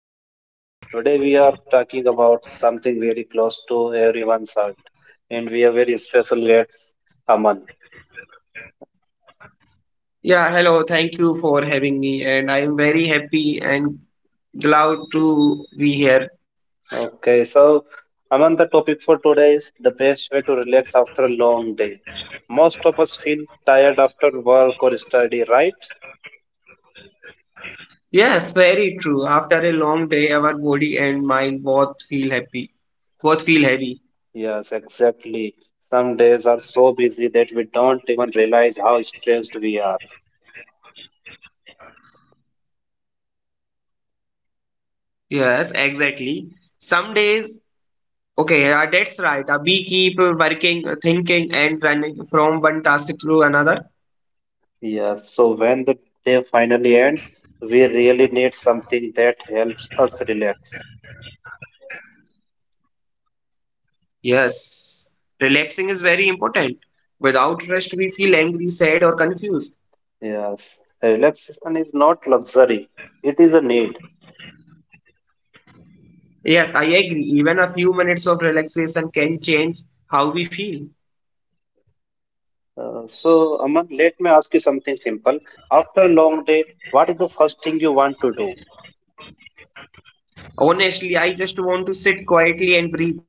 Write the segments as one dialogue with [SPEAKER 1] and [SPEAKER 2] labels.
[SPEAKER 1] to our show. Today we are talking about something very close to everyone's heart, and we have very special guest, Aman.
[SPEAKER 2] Yeah, hello. Thank you for having me, and I am very happy and glad to be here.
[SPEAKER 1] Okay, so Aman, the topic for today is the best way to relax after a long day. Most of us feel tired after work or study, right?
[SPEAKER 2] Yes, very true. After a long day, our body and mind both feel happy, both feel heavy.
[SPEAKER 1] Yes, exactly. Some days are so busy that we don't even realize how stressed we are.
[SPEAKER 2] Yes, exactly. Some days, okay, yeah, that's right. We keep working, thinking, and running from one task to another.
[SPEAKER 1] Yeah, so when the day finally ends, we really need something that helps us relax.
[SPEAKER 2] Yes, relaxing is very important. Without rest, we feel angry, sad, or confused.
[SPEAKER 1] Yes, relaxation is not luxury, it is a need.
[SPEAKER 2] Yes, I agree. Even a few minutes of relaxation can change how we feel.
[SPEAKER 1] Aman, let me ask you something simple. After a long day, what is the first thing you want to do?
[SPEAKER 2] Honestly, I just want to sit quietly and breathe.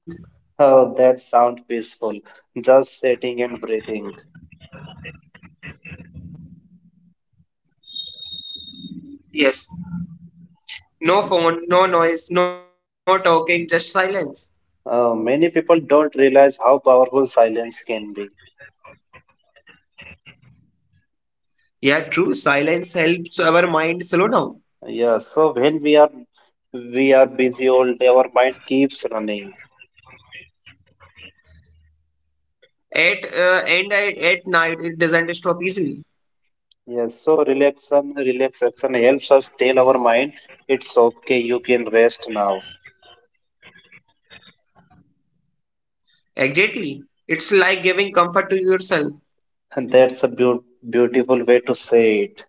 [SPEAKER 1] Oh, that sounds peaceful. Just sitting and breathing.
[SPEAKER 2] Yes. No phone, no noise, no talking, just silence.
[SPEAKER 1] Many people don't realize how powerful silence can be.
[SPEAKER 2] Yeah, true. Silence helps our mind slow down.
[SPEAKER 1] Yeah, so when we are busy all day, our mind keeps running.
[SPEAKER 2] At and at night, it doesn't stop easily.
[SPEAKER 1] Yes, so relaxation helps us tell our mind it's okay, you can rest now.
[SPEAKER 2] Exactly. It's like giving comfort to yourself.
[SPEAKER 1] And that's a beautiful way to say it.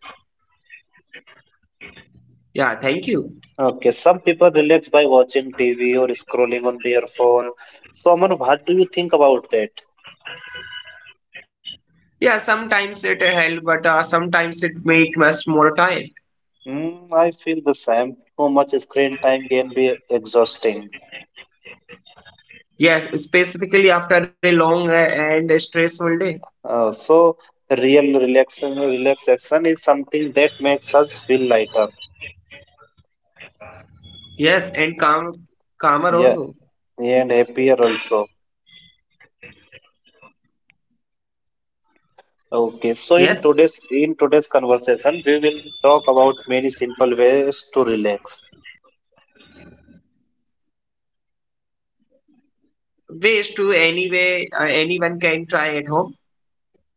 [SPEAKER 2] Yeah, thank you.
[SPEAKER 1] Okay, some people relax by watching TV or scrolling on their phone. So, Aman, what do you think about that?
[SPEAKER 2] Yeah, sometimes it helps, but sometimes it makes us more tired.
[SPEAKER 1] Hmm, I feel the same. Too much screen time can be exhausting.
[SPEAKER 2] Yes, specifically after a long and stressful day.
[SPEAKER 1] Uh, so, real relaxation is something that makes us feel lighter.
[SPEAKER 2] Yes, and calmer
[SPEAKER 1] Yeah,
[SPEAKER 2] also.
[SPEAKER 1] and happier also. Okay, so in
[SPEAKER 2] Yes,
[SPEAKER 1] today's conversation, we will talk about many simple ways to relax.
[SPEAKER 2] ways to anyway anyone can try at home.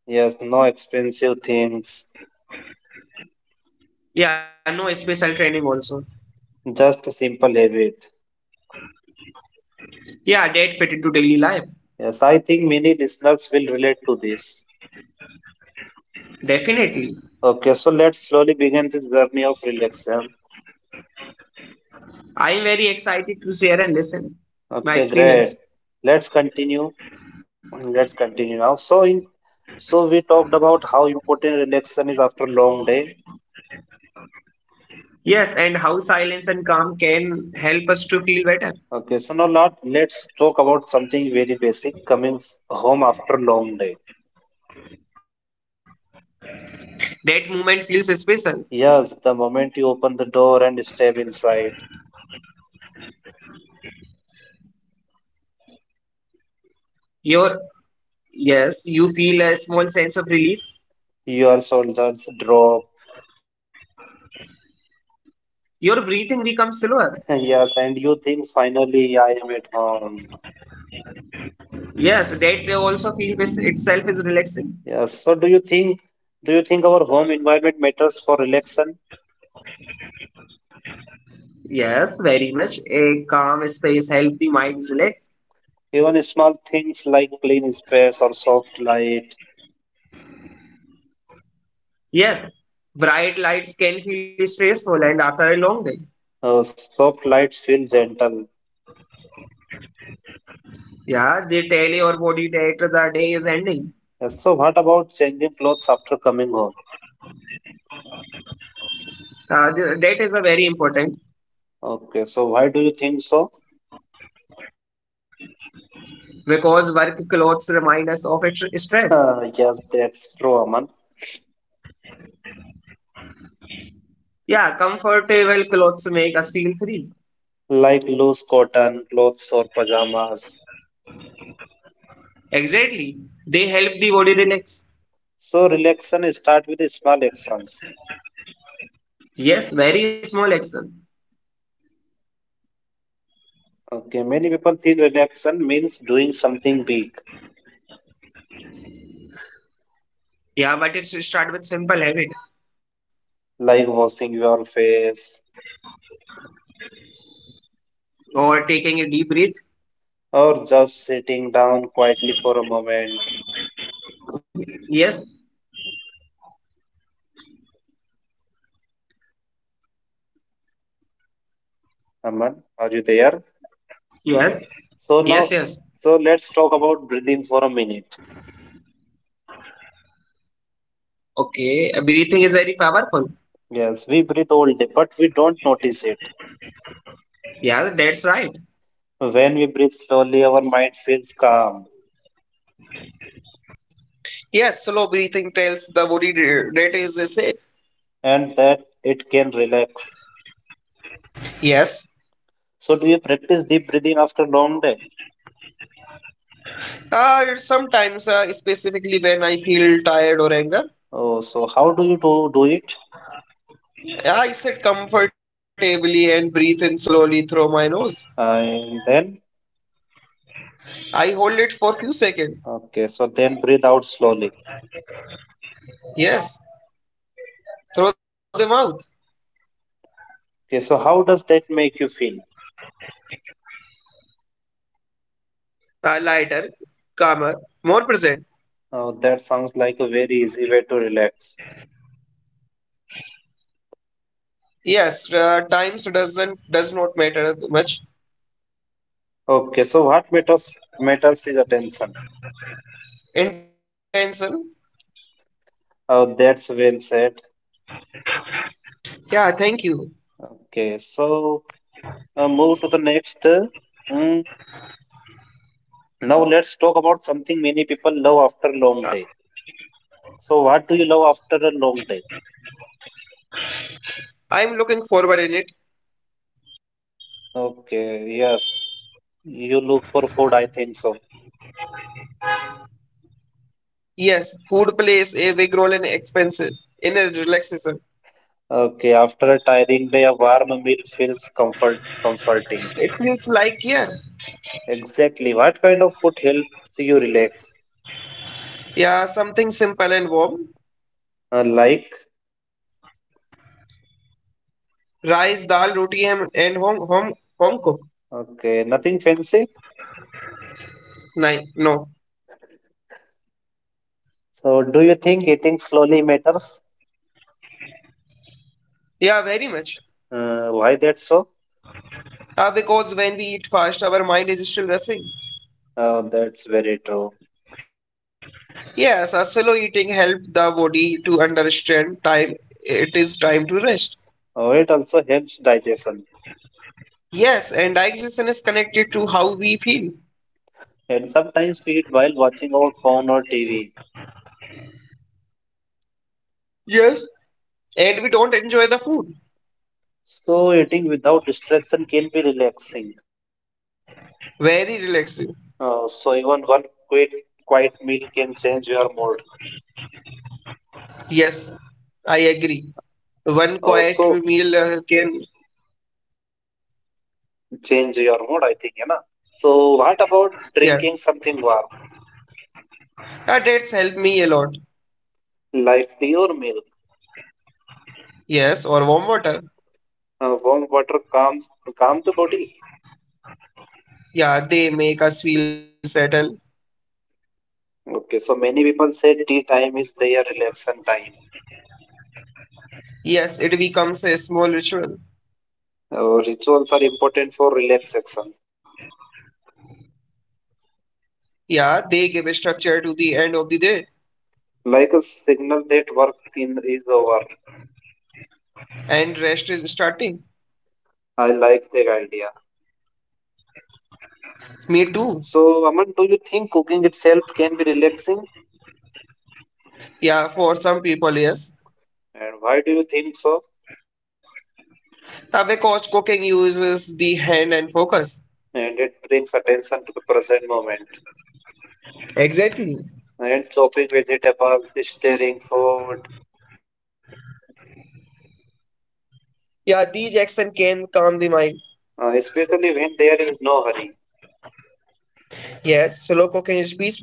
[SPEAKER 1] Yes, no expensive things,
[SPEAKER 2] Yeah, no special training also.
[SPEAKER 1] just a simple habit.
[SPEAKER 2] Yeah, that fit into daily life.
[SPEAKER 1] Yes, I think many listeners will relate to this.
[SPEAKER 2] Definitely.
[SPEAKER 1] Okay, so let's slowly begin this journey of relaxation.
[SPEAKER 2] I am very excited to share and listen my
[SPEAKER 1] Okay,
[SPEAKER 2] experience.
[SPEAKER 1] great. Let's continue. Let's continue now. So we talked about how important relaxation is after long day.
[SPEAKER 2] Yes, and how silence and calm can help us to feel better.
[SPEAKER 1] Okay, so now let's talk about something very basic, coming home after long day.
[SPEAKER 2] That moment feels special.
[SPEAKER 1] Yes, the moment you open the door and step inside,
[SPEAKER 2] Your Yes, you feel a small sense of relief.
[SPEAKER 1] your shoulders drop.
[SPEAKER 2] Your breathing becomes slower.
[SPEAKER 1] Yes, and you think finally I am at home.
[SPEAKER 2] Yes, that also itself is relaxing.
[SPEAKER 1] Yes. So do you think, do you think our home environment matters for relaxation?
[SPEAKER 2] Yes, very much. A calm space help the mind relax.
[SPEAKER 1] Even small things like clean space or soft light.
[SPEAKER 2] Yes, bright lights can feel stressful and after a long day.
[SPEAKER 1] Soft lights feel gentle.
[SPEAKER 2] Yeah, they tell your body that the day is ending.
[SPEAKER 1] Yes. So what about changing clothes after coming home?
[SPEAKER 2] That is a very important
[SPEAKER 1] Okay, so why do you think so?
[SPEAKER 2] because work clothes remind us of its stress.
[SPEAKER 1] Yes, that's true, Aman.
[SPEAKER 2] Yeah, comfortable clothes make us feel free.
[SPEAKER 1] Like loose cotton clothes or pajamas.
[SPEAKER 2] Exactly. They help the body relax.
[SPEAKER 1] So relaxation start with small actions.
[SPEAKER 2] Yes, very small action.
[SPEAKER 1] Okay, many people think relaxation means doing something big,
[SPEAKER 2] Yeah, but it's start with simple habit.
[SPEAKER 1] like washing your face,
[SPEAKER 2] Or taking a deep breath?
[SPEAKER 1] or just sitting down quietly for a moment.
[SPEAKER 2] Yes,
[SPEAKER 1] Aman, are you there?
[SPEAKER 2] yes,
[SPEAKER 1] So now,
[SPEAKER 2] yes, yes.
[SPEAKER 1] so let's talk about breathing for a minute.
[SPEAKER 2] Okay, breathing is very powerful.
[SPEAKER 1] Yes, we breathe all day, but we don't notice it.
[SPEAKER 2] Yeah, that's right.
[SPEAKER 1] When we breathe slowly, our mind feels calm,
[SPEAKER 2] Yes, slow breathing tells the body that is safe.
[SPEAKER 1] and that it can relax.
[SPEAKER 2] Yes.
[SPEAKER 1] So, do you practice deep breathing after long day?
[SPEAKER 2] Sometimes, specifically when I feel tired or anger,
[SPEAKER 1] Oh, so how do you do it?
[SPEAKER 2] I sit comfortably and breathe in slowly through my nose.
[SPEAKER 1] And then,
[SPEAKER 2] I hold it for few seconds.
[SPEAKER 1] okay, so then breathe out slowly.
[SPEAKER 2] Yes, through the mouth.
[SPEAKER 1] Okay, so how does that make you feel?
[SPEAKER 2] Lighter, calmer, more present.
[SPEAKER 1] Oh, that sounds like a very easy way to relax.
[SPEAKER 2] Yes, times does not matter much.
[SPEAKER 1] Okay, so what matters is attention.
[SPEAKER 2] Intention.
[SPEAKER 1] Oh, that's well said.
[SPEAKER 2] Yeah, thank you.
[SPEAKER 1] Okay, so move to the next mm, now let's talk about something many people love after a long day. So what do you love after a long day?
[SPEAKER 2] I'm looking forward in it.
[SPEAKER 1] Okay, yes, you look for food, I think so.
[SPEAKER 2] Yes, food plays a big role in expense in relaxation.
[SPEAKER 1] Okay, after a tiring day, a warm meal feels comforting.
[SPEAKER 2] It feels like yeah,
[SPEAKER 1] Exactly. What kind of food helps you relax?
[SPEAKER 2] yeah, something simple and warm.
[SPEAKER 1] Uh, like,
[SPEAKER 2] Rice, dal, roti, and home cook.
[SPEAKER 1] okay, nothing fancy.
[SPEAKER 2] Nine, no.
[SPEAKER 1] So, do you think eating slowly matters?
[SPEAKER 2] Yeah, very much.
[SPEAKER 1] Why that's so?
[SPEAKER 2] Because when we eat fast, our mind is still rushing.
[SPEAKER 1] That's very true.
[SPEAKER 2] Yes, a slow eating help the body to understand time. It is time to rest.
[SPEAKER 1] Oh, it also helps digestion.
[SPEAKER 2] Yes, and digestion is connected to how we feel.
[SPEAKER 1] And sometimes we eat while watching our phone or TV.
[SPEAKER 2] Yes. And we don't enjoy the food.
[SPEAKER 1] So, eating without distraction can be relaxing.
[SPEAKER 2] Very relaxing.
[SPEAKER 1] Even one quick, quiet meal can change your mood.
[SPEAKER 2] Yes, I agree. One
[SPEAKER 1] Uh,
[SPEAKER 2] quiet
[SPEAKER 1] so,
[SPEAKER 2] meal can.
[SPEAKER 1] change your mood, I think, So, what about
[SPEAKER 2] Yes.
[SPEAKER 1] drinking something warm,
[SPEAKER 2] Dates help me a lot.
[SPEAKER 1] like tea or milk?
[SPEAKER 2] Yes, or warm water.
[SPEAKER 1] Warm water calm the body.
[SPEAKER 2] Yeah, they make us feel settled.
[SPEAKER 1] Okay, so many people say tea time is their relaxation time.
[SPEAKER 2] Yes, it becomes a small ritual.
[SPEAKER 1] Rituals are important for relaxation,
[SPEAKER 2] Yeah, they give a structure to the end of the day.
[SPEAKER 1] like a signal that work in is over.
[SPEAKER 2] And rest is starting.
[SPEAKER 1] I like that idea.
[SPEAKER 2] Me too.
[SPEAKER 1] So, Aman, do you think cooking itself can be relaxing?
[SPEAKER 2] Yeah, for some people, yes.
[SPEAKER 1] And why do you think so?
[SPEAKER 2] Tobacco's cooking uses the hand and focus.
[SPEAKER 1] And it brings attention to the present moment.
[SPEAKER 2] Exactly.
[SPEAKER 1] And chopping vegetables, stirring food,
[SPEAKER 2] Yeah, these actions can calm the mind.
[SPEAKER 1] especially when there is no hurry.
[SPEAKER 2] Yes, slow cooking is peaceful.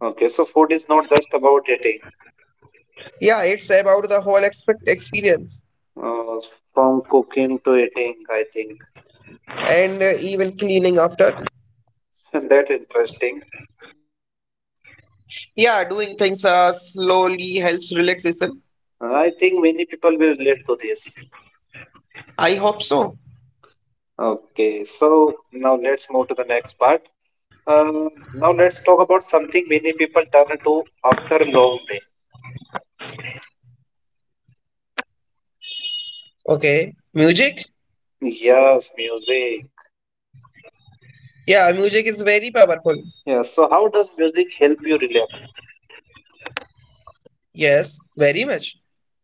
[SPEAKER 1] Okay, so food is not just about eating,
[SPEAKER 2] Yeah, it's about the whole experience.
[SPEAKER 1] uh, from cooking to eating, I think.
[SPEAKER 2] And even cleaning after.
[SPEAKER 1] That interesting.
[SPEAKER 2] Yeah, doing things slowly helps relaxation.
[SPEAKER 1] I think many people will relate to this.
[SPEAKER 2] I hope so.
[SPEAKER 1] Okay, so now let's move to the next part. Uh, Now let's talk about something many people turn to after a long day.
[SPEAKER 2] Okay. Music?
[SPEAKER 1] Yes, music.
[SPEAKER 2] Yeah, music is very powerful.
[SPEAKER 1] Yeah, so how does music help you relax?
[SPEAKER 2] Yes, very much.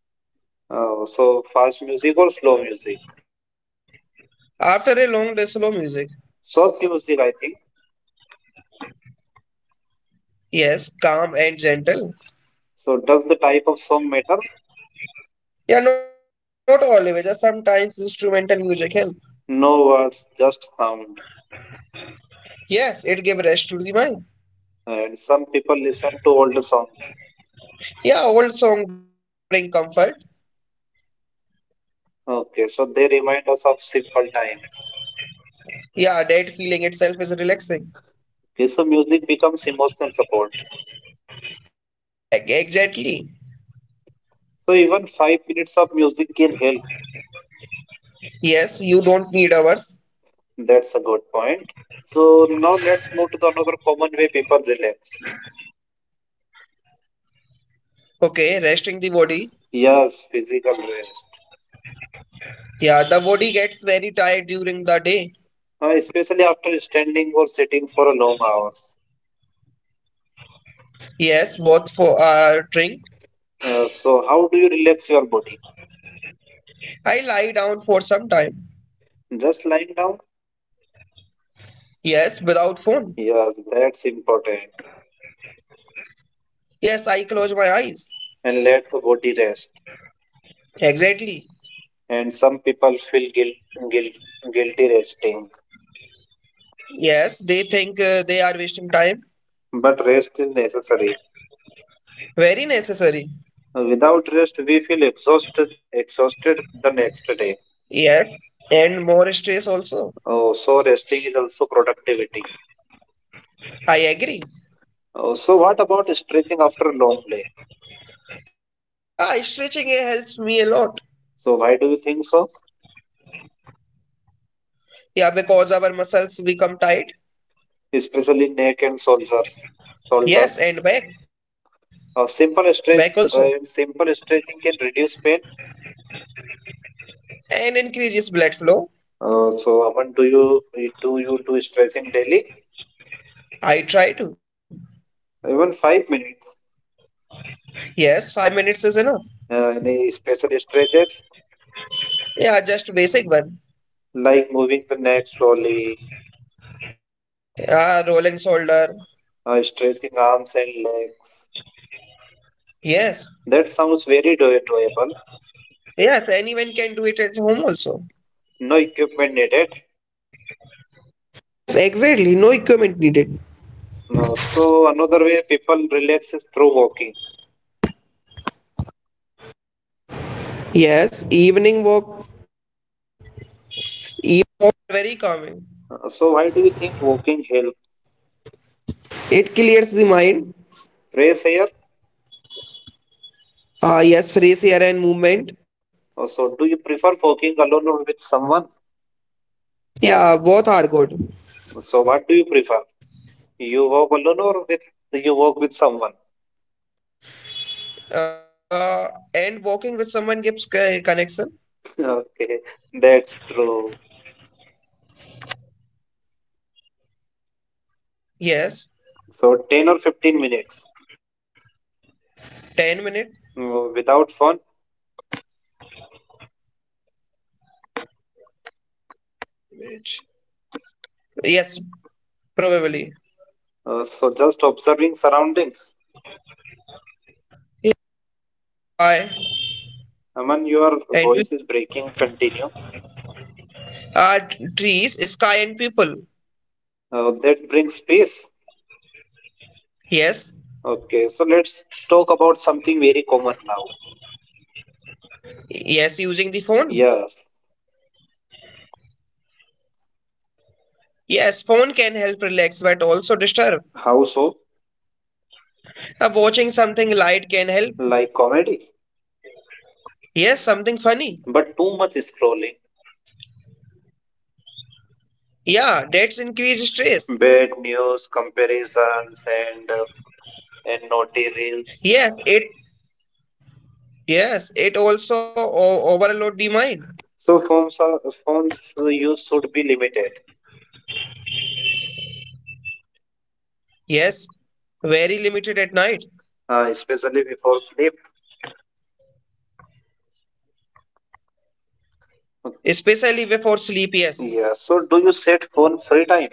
[SPEAKER 1] So fast music or slow music?
[SPEAKER 2] After a long day, slow music.
[SPEAKER 1] Soft music, I think.
[SPEAKER 2] Yes, calm and gentle.
[SPEAKER 1] So does the type of song matter?
[SPEAKER 2] Yeah, not always. Sometimes instrumental music help.
[SPEAKER 1] No words, just sound.
[SPEAKER 2] Yes, it give rest to the mind.
[SPEAKER 1] And some people listen to older songs.
[SPEAKER 2] Yeah, old song bring comfort.
[SPEAKER 1] Okay, so they remind us of simple times.
[SPEAKER 2] Yeah, that feeling itself is relaxing.
[SPEAKER 1] Okay, so music becomes emotional support.
[SPEAKER 2] Exactly.
[SPEAKER 1] So even 5 minutes of music can help.
[SPEAKER 2] Yes, you don't need hours.
[SPEAKER 1] That's a good point. So now let's move to the another common way people relax.
[SPEAKER 2] Okay, resting the body.
[SPEAKER 1] Yes, physical rest.
[SPEAKER 2] Yeah, the body gets very tired during the day.
[SPEAKER 1] Especially after standing or sitting for a long hours.
[SPEAKER 2] Yes, both for drink.
[SPEAKER 1] So how do you relax your body?
[SPEAKER 2] I lie down for some time.
[SPEAKER 1] Just lying down?
[SPEAKER 2] Yes, without phone.
[SPEAKER 1] Yes, that's important.
[SPEAKER 2] Yes, I close my eyes.
[SPEAKER 1] And let the body rest.
[SPEAKER 2] Exactly.
[SPEAKER 1] And some people feel guilt, guilty resting,
[SPEAKER 2] Yes, they think they are wasting time.
[SPEAKER 1] but rest is necessary.
[SPEAKER 2] Very necessary.
[SPEAKER 1] Without rest, we feel exhausted the next day.
[SPEAKER 2] Yes, and more stress also.
[SPEAKER 1] Oh, so resting is also productivity.
[SPEAKER 2] I agree.
[SPEAKER 1] Oh, so what about stretching after a long day?
[SPEAKER 2] Ah, stretching helps me a lot.
[SPEAKER 1] So why do you think so?
[SPEAKER 2] Yeah, because our muscles become tight.
[SPEAKER 1] Especially neck and shoulders.
[SPEAKER 2] Yes, and back,
[SPEAKER 1] A simple
[SPEAKER 2] back also,
[SPEAKER 1] simple stretching can reduce pain.
[SPEAKER 2] and increases blood flow.
[SPEAKER 1] So how much do you Do you do stretching daily?
[SPEAKER 2] I try to.
[SPEAKER 1] Even 5 minutes.
[SPEAKER 2] Yes, 5 minutes is enough.
[SPEAKER 1] Any special stretches
[SPEAKER 2] Yeah, just basic one.
[SPEAKER 1] like moving the neck slowly,
[SPEAKER 2] Yeah, rolling shoulder.
[SPEAKER 1] stretching arms and legs.
[SPEAKER 2] Yes,
[SPEAKER 1] That sounds very doable.
[SPEAKER 2] yes, anyone can do it at home also.
[SPEAKER 1] No equipment needed. No. So another way people relax is through walking. So why do you think walking helps? Raise air. So do you prefer walking alone or with someone? So what do you prefer? You walk alone or with you walk with someone?
[SPEAKER 2] Keeps connection?
[SPEAKER 1] Okay, that's true.
[SPEAKER 2] Yes.
[SPEAKER 1] So 10 or 15 minutes
[SPEAKER 2] 10 minutes?
[SPEAKER 1] without phone.
[SPEAKER 2] Yes, probably.
[SPEAKER 1] So just observing surroundings.
[SPEAKER 2] Sky
[SPEAKER 1] Aman,
[SPEAKER 2] and
[SPEAKER 1] your
[SPEAKER 2] people.
[SPEAKER 1] voice is breaking. Continue.
[SPEAKER 2] Uh, trees, sky and people.
[SPEAKER 1] That brings peace.
[SPEAKER 2] Yes.
[SPEAKER 1] Okay, so let's talk about something very common now.
[SPEAKER 2] Yes, using the phone.
[SPEAKER 1] Yeah,
[SPEAKER 2] Yes, phone can help relax but also disturb.
[SPEAKER 1] how so?
[SPEAKER 2] Watching something light can help.
[SPEAKER 1] Like comedy,
[SPEAKER 2] Yes, something funny.
[SPEAKER 1] but too much scrolling,
[SPEAKER 2] Yeah, that's increase stress.
[SPEAKER 1] bad news, comparisons, and naughty reels.
[SPEAKER 2] Yes, it yes, it also overload the mind.
[SPEAKER 1] So phones use should be limited,
[SPEAKER 2] Yes, very limited at night,
[SPEAKER 1] especially before sleep.
[SPEAKER 2] especially before sleep. Yes,
[SPEAKER 1] Yeah. So do you set phone free time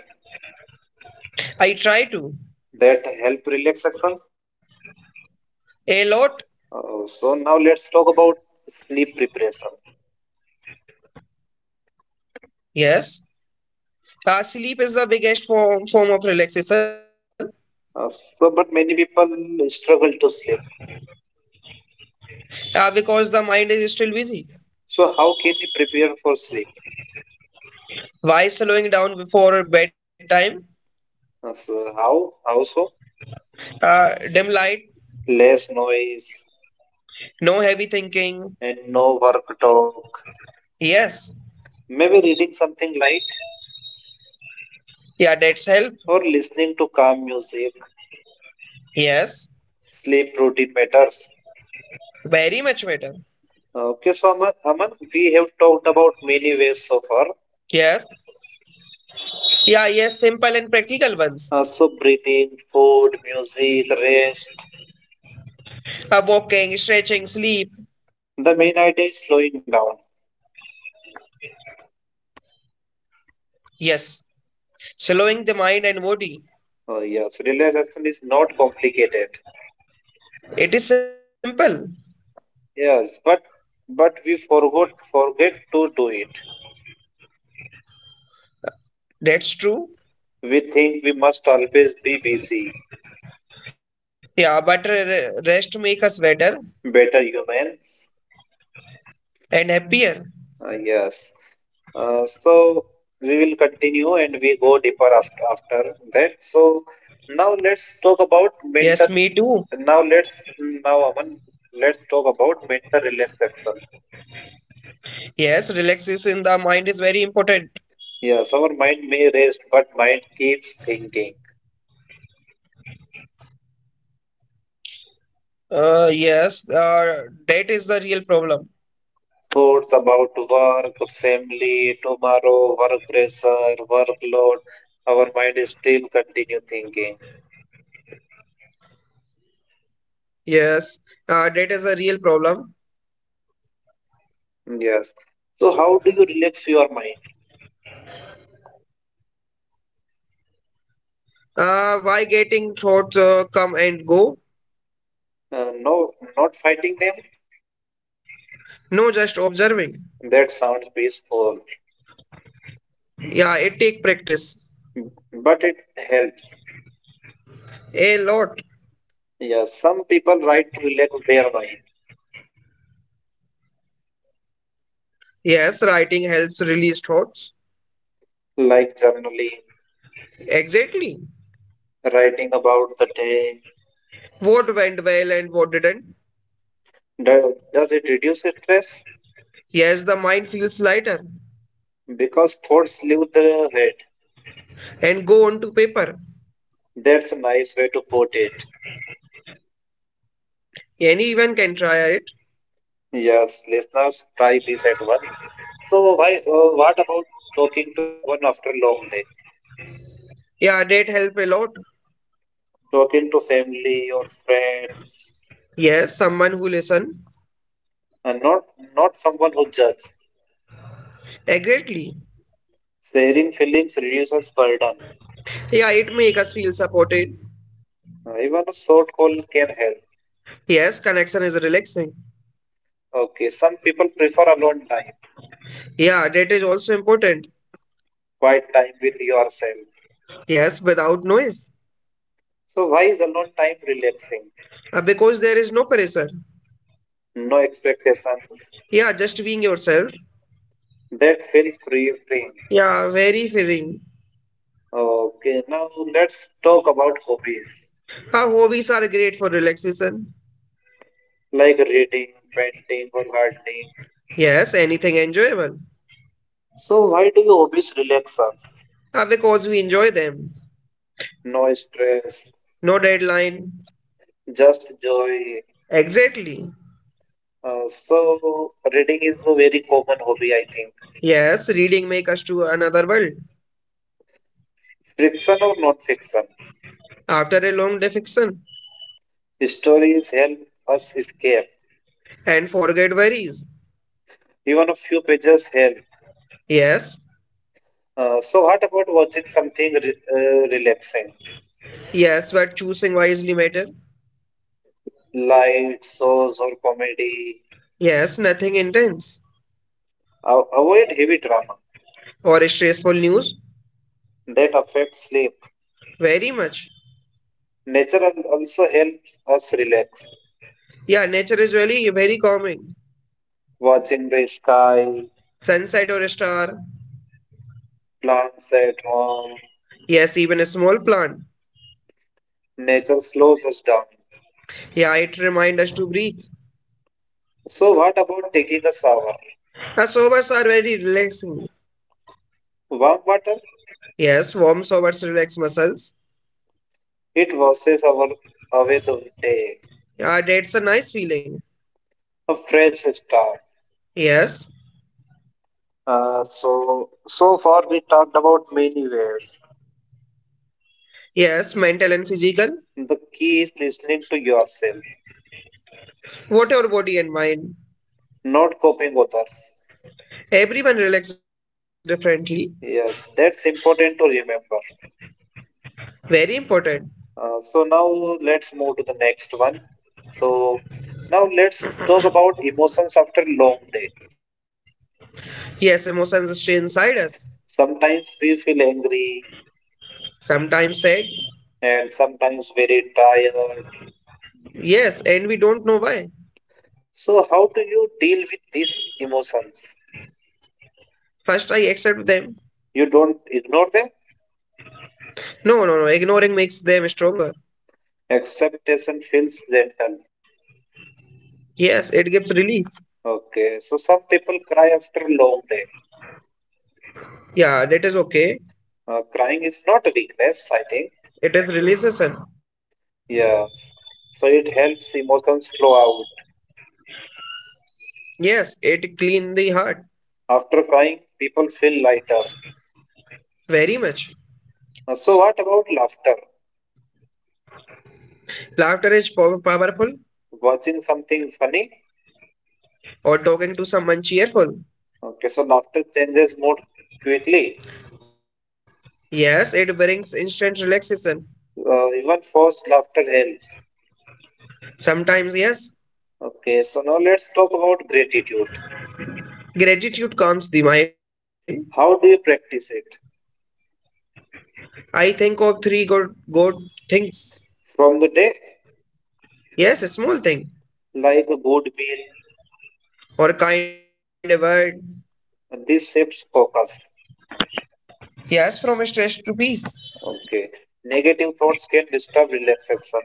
[SPEAKER 2] I try to.
[SPEAKER 1] that help relaxation?
[SPEAKER 2] A lot,
[SPEAKER 1] So now let's talk about sleep preparation.
[SPEAKER 2] yes. Sleep is the biggest form of relaxation
[SPEAKER 1] But many people struggle to sleep.
[SPEAKER 2] because the mind is still busy.
[SPEAKER 1] So how can we prepare for sleep?
[SPEAKER 2] Why slowing down before bedtime?
[SPEAKER 1] How so?
[SPEAKER 2] Dim light,
[SPEAKER 1] Less noise,
[SPEAKER 2] no heavy
[SPEAKER 1] and
[SPEAKER 2] thinking.
[SPEAKER 1] no work talk.
[SPEAKER 2] Yes.
[SPEAKER 1] Maybe reading something light
[SPEAKER 2] Yeah, that's help.
[SPEAKER 1] or listening to calm music.
[SPEAKER 2] Yes.
[SPEAKER 1] Sleep routine matters.
[SPEAKER 2] Very much better.
[SPEAKER 1] Okay, so Aman we have talked about many ways so far.
[SPEAKER 2] Yes. Yeah, yes, simple and practical ones.
[SPEAKER 1] So breathing, food, music, rest.
[SPEAKER 2] Walking, stretching, sleep.
[SPEAKER 1] The main idea is slowing down.
[SPEAKER 2] Yes. Slowing the mind and body.
[SPEAKER 1] Yes, relaxation is not complicated.
[SPEAKER 2] It is simple.
[SPEAKER 1] Yes, but we forgot forget to do it.
[SPEAKER 2] That's true.
[SPEAKER 1] We think we must always be busy.
[SPEAKER 2] Yeah, but rest make us better
[SPEAKER 1] Better humans.
[SPEAKER 2] and happier.
[SPEAKER 1] Yes. So we will continue and we go deeper after that. So now let's talk about
[SPEAKER 2] Yes,
[SPEAKER 1] mentor.
[SPEAKER 2] me too.
[SPEAKER 1] Now let's now Aman, let's talk about mental relaxation.
[SPEAKER 2] Yes, relaxation in the mind is very important.
[SPEAKER 1] Yes, our mind may rest, but mind keeps thinking.
[SPEAKER 2] Yes, debt is the real problem.
[SPEAKER 1] Thoughts about work, family, tomorrow, work pressure, workload. Our mind is still continue thinking.
[SPEAKER 2] Yes, debt is a real problem.
[SPEAKER 1] Yes. So how do you relax your mind?
[SPEAKER 2] Why getting thoughts come and go?
[SPEAKER 1] No, not fighting them.
[SPEAKER 2] No, just observing.
[SPEAKER 1] That sounds peaceful.
[SPEAKER 2] Yeah, it take practice.
[SPEAKER 1] But it helps.
[SPEAKER 2] A lot.
[SPEAKER 1] Yeah, some people write to relax their mind,
[SPEAKER 2] Yes, writing helps release thoughts.
[SPEAKER 1] like journaling,
[SPEAKER 2] Exactly.
[SPEAKER 1] writing about the day.
[SPEAKER 2] What went well and what didn't.
[SPEAKER 1] Does it reduce stress?
[SPEAKER 2] Yes, the mind feels lighter
[SPEAKER 1] Because thoughts leave the head.
[SPEAKER 2] and go on to paper.
[SPEAKER 1] That's a nice way to put it.
[SPEAKER 2] Anyone can try it.
[SPEAKER 1] Yes, listeners, try this at once. So, why? What about talking to someone after a long day?
[SPEAKER 2] Yeah, that help a lot.
[SPEAKER 1] Talking to family or friends,
[SPEAKER 2] Yes, someone who listen.
[SPEAKER 1] and not someone who judges.
[SPEAKER 2] Exactly.
[SPEAKER 1] Sharing feelings reduces burden.
[SPEAKER 2] Yeah, it make us feel supported.
[SPEAKER 1] Even a short call can help.
[SPEAKER 2] Yes, connection is relaxing.
[SPEAKER 1] Okay, some people prefer alone time,
[SPEAKER 2] Yeah, that is also important.
[SPEAKER 1] quiet time with yourself.
[SPEAKER 2] Yes, without noise.
[SPEAKER 1] So why is alone time relaxing?
[SPEAKER 2] Because there is no pressure.
[SPEAKER 1] No expectations.
[SPEAKER 2] Yeah, just being yourself.
[SPEAKER 1] That feels freeing.
[SPEAKER 2] Yeah, very freeing.
[SPEAKER 1] Okay, now let's talk about hobbies
[SPEAKER 2] Our hobbies are great for relaxation.
[SPEAKER 1] like reading, painting, or gardening.
[SPEAKER 2] Yes, anything enjoyable.
[SPEAKER 1] So why do your hobbies relax us?
[SPEAKER 2] Because we enjoy them.
[SPEAKER 1] No stress,
[SPEAKER 2] No deadline.
[SPEAKER 1] just joy.
[SPEAKER 2] Exactly.
[SPEAKER 1] So reading is a very common hobby, I think.
[SPEAKER 2] Yes, reading make us to another world.
[SPEAKER 1] Fiction or non-fiction,
[SPEAKER 2] After a long defection
[SPEAKER 1] stories help us escape.
[SPEAKER 2] and forget worries.
[SPEAKER 1] Even a few pages help.
[SPEAKER 2] Yes,
[SPEAKER 1] So what about watching something relaxing,
[SPEAKER 2] yes, but choosing wisely matter.
[SPEAKER 1] light shows or comedy?
[SPEAKER 2] Yes, nothing intense
[SPEAKER 1] A- avoid heavy drama
[SPEAKER 2] or stressful news.
[SPEAKER 1] that affects sleep.
[SPEAKER 2] Very much.
[SPEAKER 1] Nature also helps us relax.
[SPEAKER 2] Yeah, nature is really very calming.
[SPEAKER 1] Watching the sky,
[SPEAKER 2] Sunset or a star.
[SPEAKER 1] plants at home,
[SPEAKER 2] Yes, even a small plant.
[SPEAKER 1] nature slows us down.
[SPEAKER 2] Yeah, it reminds us to breathe.
[SPEAKER 1] So what about taking a shower?
[SPEAKER 2] Showers are very relaxing.
[SPEAKER 1] Warm water,
[SPEAKER 2] Yes, warm showers relax muscles.
[SPEAKER 1] it washes our away the day.
[SPEAKER 2] Yeah, that's a nice feeling.
[SPEAKER 1] A fresh start.
[SPEAKER 2] Yes,
[SPEAKER 1] So far we talked about many ways.
[SPEAKER 2] yes, mental and physical.
[SPEAKER 1] The key is listening to yourself
[SPEAKER 2] Whatever body and mind.
[SPEAKER 1] not coping others.
[SPEAKER 2] Everyone relax differently.
[SPEAKER 1] Yes, that's important to remember.
[SPEAKER 2] Very important.
[SPEAKER 1] So now let's move to the next one. So now let's talk about emotions after long day.
[SPEAKER 2] Yes, emotions stay inside us.
[SPEAKER 1] Sometimes we feel angry
[SPEAKER 2] Sometimes said,
[SPEAKER 1] and sometimes very tired.
[SPEAKER 2] yes, and we don't know why.
[SPEAKER 1] So how do you deal with these emotions?
[SPEAKER 2] First, I accept them.
[SPEAKER 1] You don't ignore them.
[SPEAKER 2] No, no, no, ignoring makes them stronger.
[SPEAKER 1] Acceptation feels gentle.
[SPEAKER 2] Yes, it gives relief.
[SPEAKER 1] Okay, so some people cry after long day.
[SPEAKER 2] Yeah, that is okay.
[SPEAKER 1] Crying is not a weakness, I think.
[SPEAKER 2] It is relaxation.
[SPEAKER 1] Yeah, so it helps emotions flow out.
[SPEAKER 2] Yes, it cleans the heart.
[SPEAKER 1] After crying, people feel lighter.
[SPEAKER 2] Very much.
[SPEAKER 1] So what about laughter?
[SPEAKER 2] Laughter is powerful.
[SPEAKER 1] Watching something funny?
[SPEAKER 2] Or talking to someone cheerful.
[SPEAKER 1] Okay, so laughter changes mood quickly.
[SPEAKER 2] Yes, it brings instant relaxation.
[SPEAKER 1] Even forced laughter helps.
[SPEAKER 2] Sometimes, yes,
[SPEAKER 1] Okay, so now let's talk about gratitude.
[SPEAKER 2] gratitude calms the mind.
[SPEAKER 1] How do you practice it?
[SPEAKER 2] I think of three good things.
[SPEAKER 1] From the day,
[SPEAKER 2] Yes, a small thing.
[SPEAKER 1] like a good meal,
[SPEAKER 2] Or kind word.
[SPEAKER 1] and this shifts focus.
[SPEAKER 2] Yes, from stress to peace.
[SPEAKER 1] Okay, negative thoughts can disturb relaxation.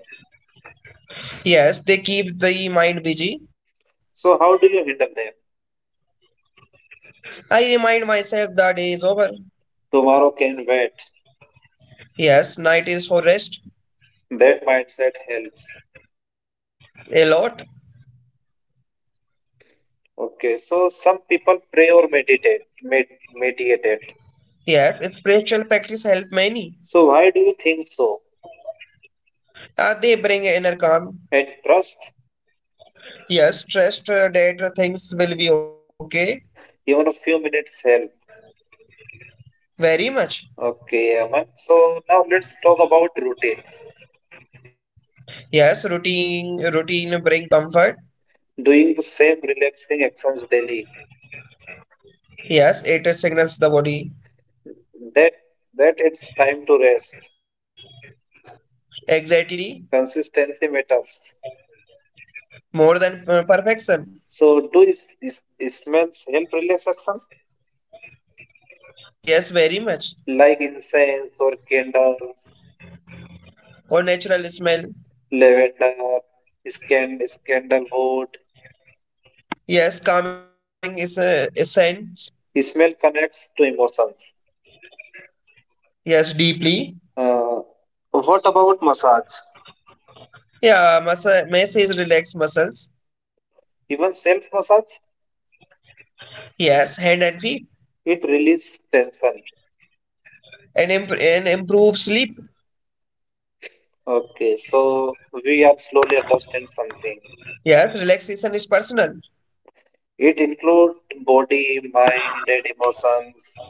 [SPEAKER 2] Yes, they keep the mind busy.
[SPEAKER 1] So, how do you handle them?
[SPEAKER 2] I remind myself the day is over.
[SPEAKER 1] Tomorrow can wait.
[SPEAKER 2] Yes, night is for rest.
[SPEAKER 1] That mindset helps.
[SPEAKER 2] A lot.
[SPEAKER 1] Okay, so some people pray or med meditate.
[SPEAKER 2] Yes, spiritual practice help many.
[SPEAKER 1] So why do you think so?
[SPEAKER 2] They bring inner calm.
[SPEAKER 1] And trust,
[SPEAKER 2] Yes, trust that things will be okay.
[SPEAKER 1] even a few minutes help.
[SPEAKER 2] Very much.
[SPEAKER 1] Okay, Aman. So now let's talk about routines.
[SPEAKER 2] Yes, routine bring comfort.
[SPEAKER 1] Doing the same relaxing actions daily.
[SPEAKER 2] Yes, it signals the body.
[SPEAKER 1] That that it's time to rest.
[SPEAKER 2] Exactly.
[SPEAKER 1] Consistency matters.
[SPEAKER 2] More than perfection.
[SPEAKER 1] So do is smells help relaxation
[SPEAKER 2] Yes, very much.
[SPEAKER 1] like incense or candles,
[SPEAKER 2] Or natural smell.
[SPEAKER 1] lavender, scan, sandalwood.
[SPEAKER 2] Yes, calming is a essence.
[SPEAKER 1] Smell connects to emotions.
[SPEAKER 2] Yes, deeply.
[SPEAKER 1] Uh, what about massage?
[SPEAKER 2] Yeah, muscle masses relax muscles.
[SPEAKER 1] Even self massage,
[SPEAKER 2] Yes, hand and feet.
[SPEAKER 1] it releases tension.
[SPEAKER 2] And improve sleep.
[SPEAKER 1] Okay, so we are slowly understand something.
[SPEAKER 2] Yes, relaxation is personal.
[SPEAKER 1] It includes body, mind, and emotions.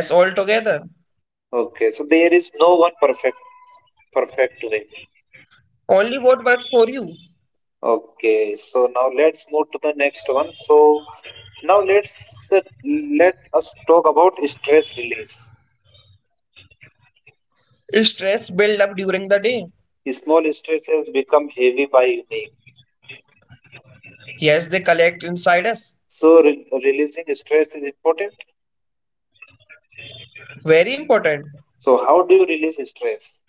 [SPEAKER 2] Yes, altogether.
[SPEAKER 1] Okay, so there is no one perfect way.
[SPEAKER 2] Only what works for you.
[SPEAKER 1] Okay, so now let's move to the next one. So now let us talk about stress release.
[SPEAKER 2] Stress build up during the day.
[SPEAKER 1] Small stresses become heavy by evening.
[SPEAKER 2] Yes, they collect inside us.
[SPEAKER 1] So releasing stress is important.
[SPEAKER 2] Very important.
[SPEAKER 1] So, how do you release stress?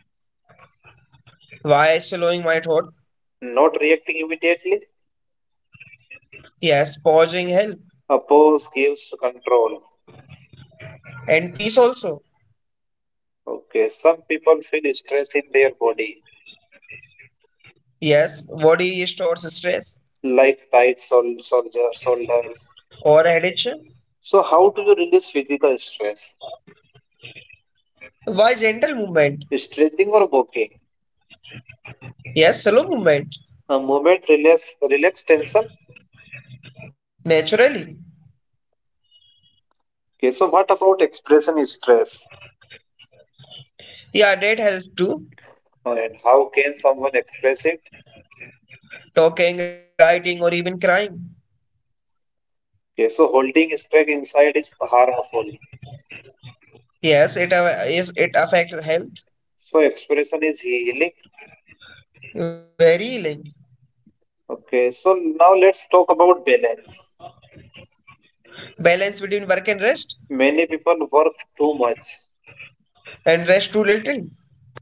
[SPEAKER 2] Why slowing my thought?
[SPEAKER 1] Not reacting immediately?
[SPEAKER 2] Yes, pausing help.
[SPEAKER 1] A pause gives control.
[SPEAKER 2] And peace also.
[SPEAKER 1] Okay, some people feel stress in their body,
[SPEAKER 2] Yes, body stores stress
[SPEAKER 1] like tight shoulders.
[SPEAKER 2] or addiction.
[SPEAKER 1] So, how do you release physical stress?
[SPEAKER 2] Why gentle movement?
[SPEAKER 1] Stretching or walking?
[SPEAKER 2] Yes, slow movement.
[SPEAKER 1] A movement relax tension?
[SPEAKER 2] Naturally.
[SPEAKER 1] Okay, so what about expressing stress?
[SPEAKER 2] Yeah, that helps too.
[SPEAKER 1] And how can someone express it?
[SPEAKER 2] Talking, writing, or even crying.
[SPEAKER 1] Okay, so holding stress inside is harmful.
[SPEAKER 2] Yes, it a- is it affects health.
[SPEAKER 1] So, expression is healing.
[SPEAKER 2] Very healing.
[SPEAKER 1] Okay, so now let's talk about balance.
[SPEAKER 2] Balance between work and rest,
[SPEAKER 1] Many people work too much.
[SPEAKER 2] too little.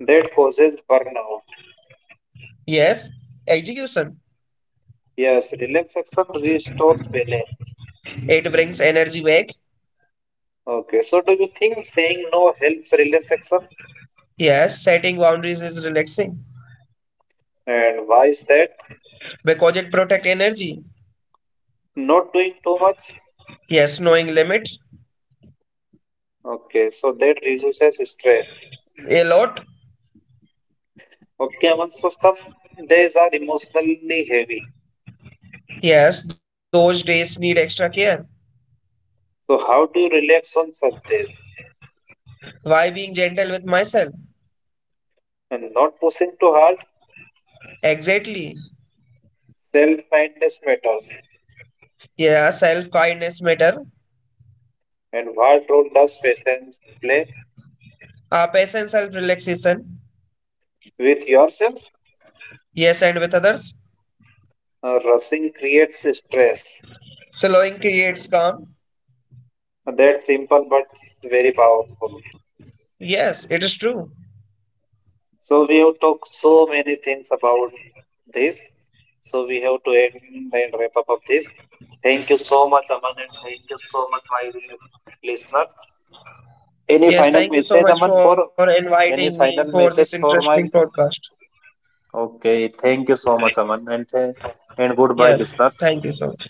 [SPEAKER 1] That causes burnout.
[SPEAKER 2] Yes, execution.
[SPEAKER 1] Yes, relaxation restores balance.
[SPEAKER 2] It brings energy back.
[SPEAKER 1] Okay, so do you think saying no helps relaxation?
[SPEAKER 2] Yes, setting boundaries is relaxing
[SPEAKER 1] And why is that?
[SPEAKER 2] because it protects energy.
[SPEAKER 1] Not doing too much?
[SPEAKER 2] Yes, knowing limit
[SPEAKER 1] Okay, so that reduces stress.
[SPEAKER 2] a lot.
[SPEAKER 1] Okay, Aman, so some days are emotionally heavy.
[SPEAKER 2] Yes, those days need extra care.
[SPEAKER 1] So how do you relax on such days?
[SPEAKER 2] Why being gentle with myself?
[SPEAKER 1] And not pushing too hard?
[SPEAKER 2] Exactly.
[SPEAKER 1] Self-kindness matters.
[SPEAKER 2] Yeah, self kindness matter.
[SPEAKER 1] And what role does patience play
[SPEAKER 2] Patient self relaxation.
[SPEAKER 1] with yourself?
[SPEAKER 2] Yes, and with others.
[SPEAKER 1] Rushing creates stress.
[SPEAKER 2] Slowing creates calm.
[SPEAKER 1] That's simple but very powerful.
[SPEAKER 2] Yes, it is true.
[SPEAKER 1] So we have talked so many things about this. So we have to end and wrap up of this. Thank you so much, Aman, and thank you so much, my dear listener. Any
[SPEAKER 2] Yes,
[SPEAKER 1] final
[SPEAKER 2] thank you so
[SPEAKER 1] message,
[SPEAKER 2] much
[SPEAKER 1] Aman,
[SPEAKER 2] for
[SPEAKER 1] for
[SPEAKER 2] inviting
[SPEAKER 1] any
[SPEAKER 2] me for
[SPEAKER 1] final
[SPEAKER 2] this
[SPEAKER 1] message
[SPEAKER 2] interesting
[SPEAKER 1] for my?
[SPEAKER 2] podcast.
[SPEAKER 1] Okay, thank you so much, Aman, and and
[SPEAKER 2] Yes,
[SPEAKER 1] goodbye, listeners.
[SPEAKER 2] thank you so much.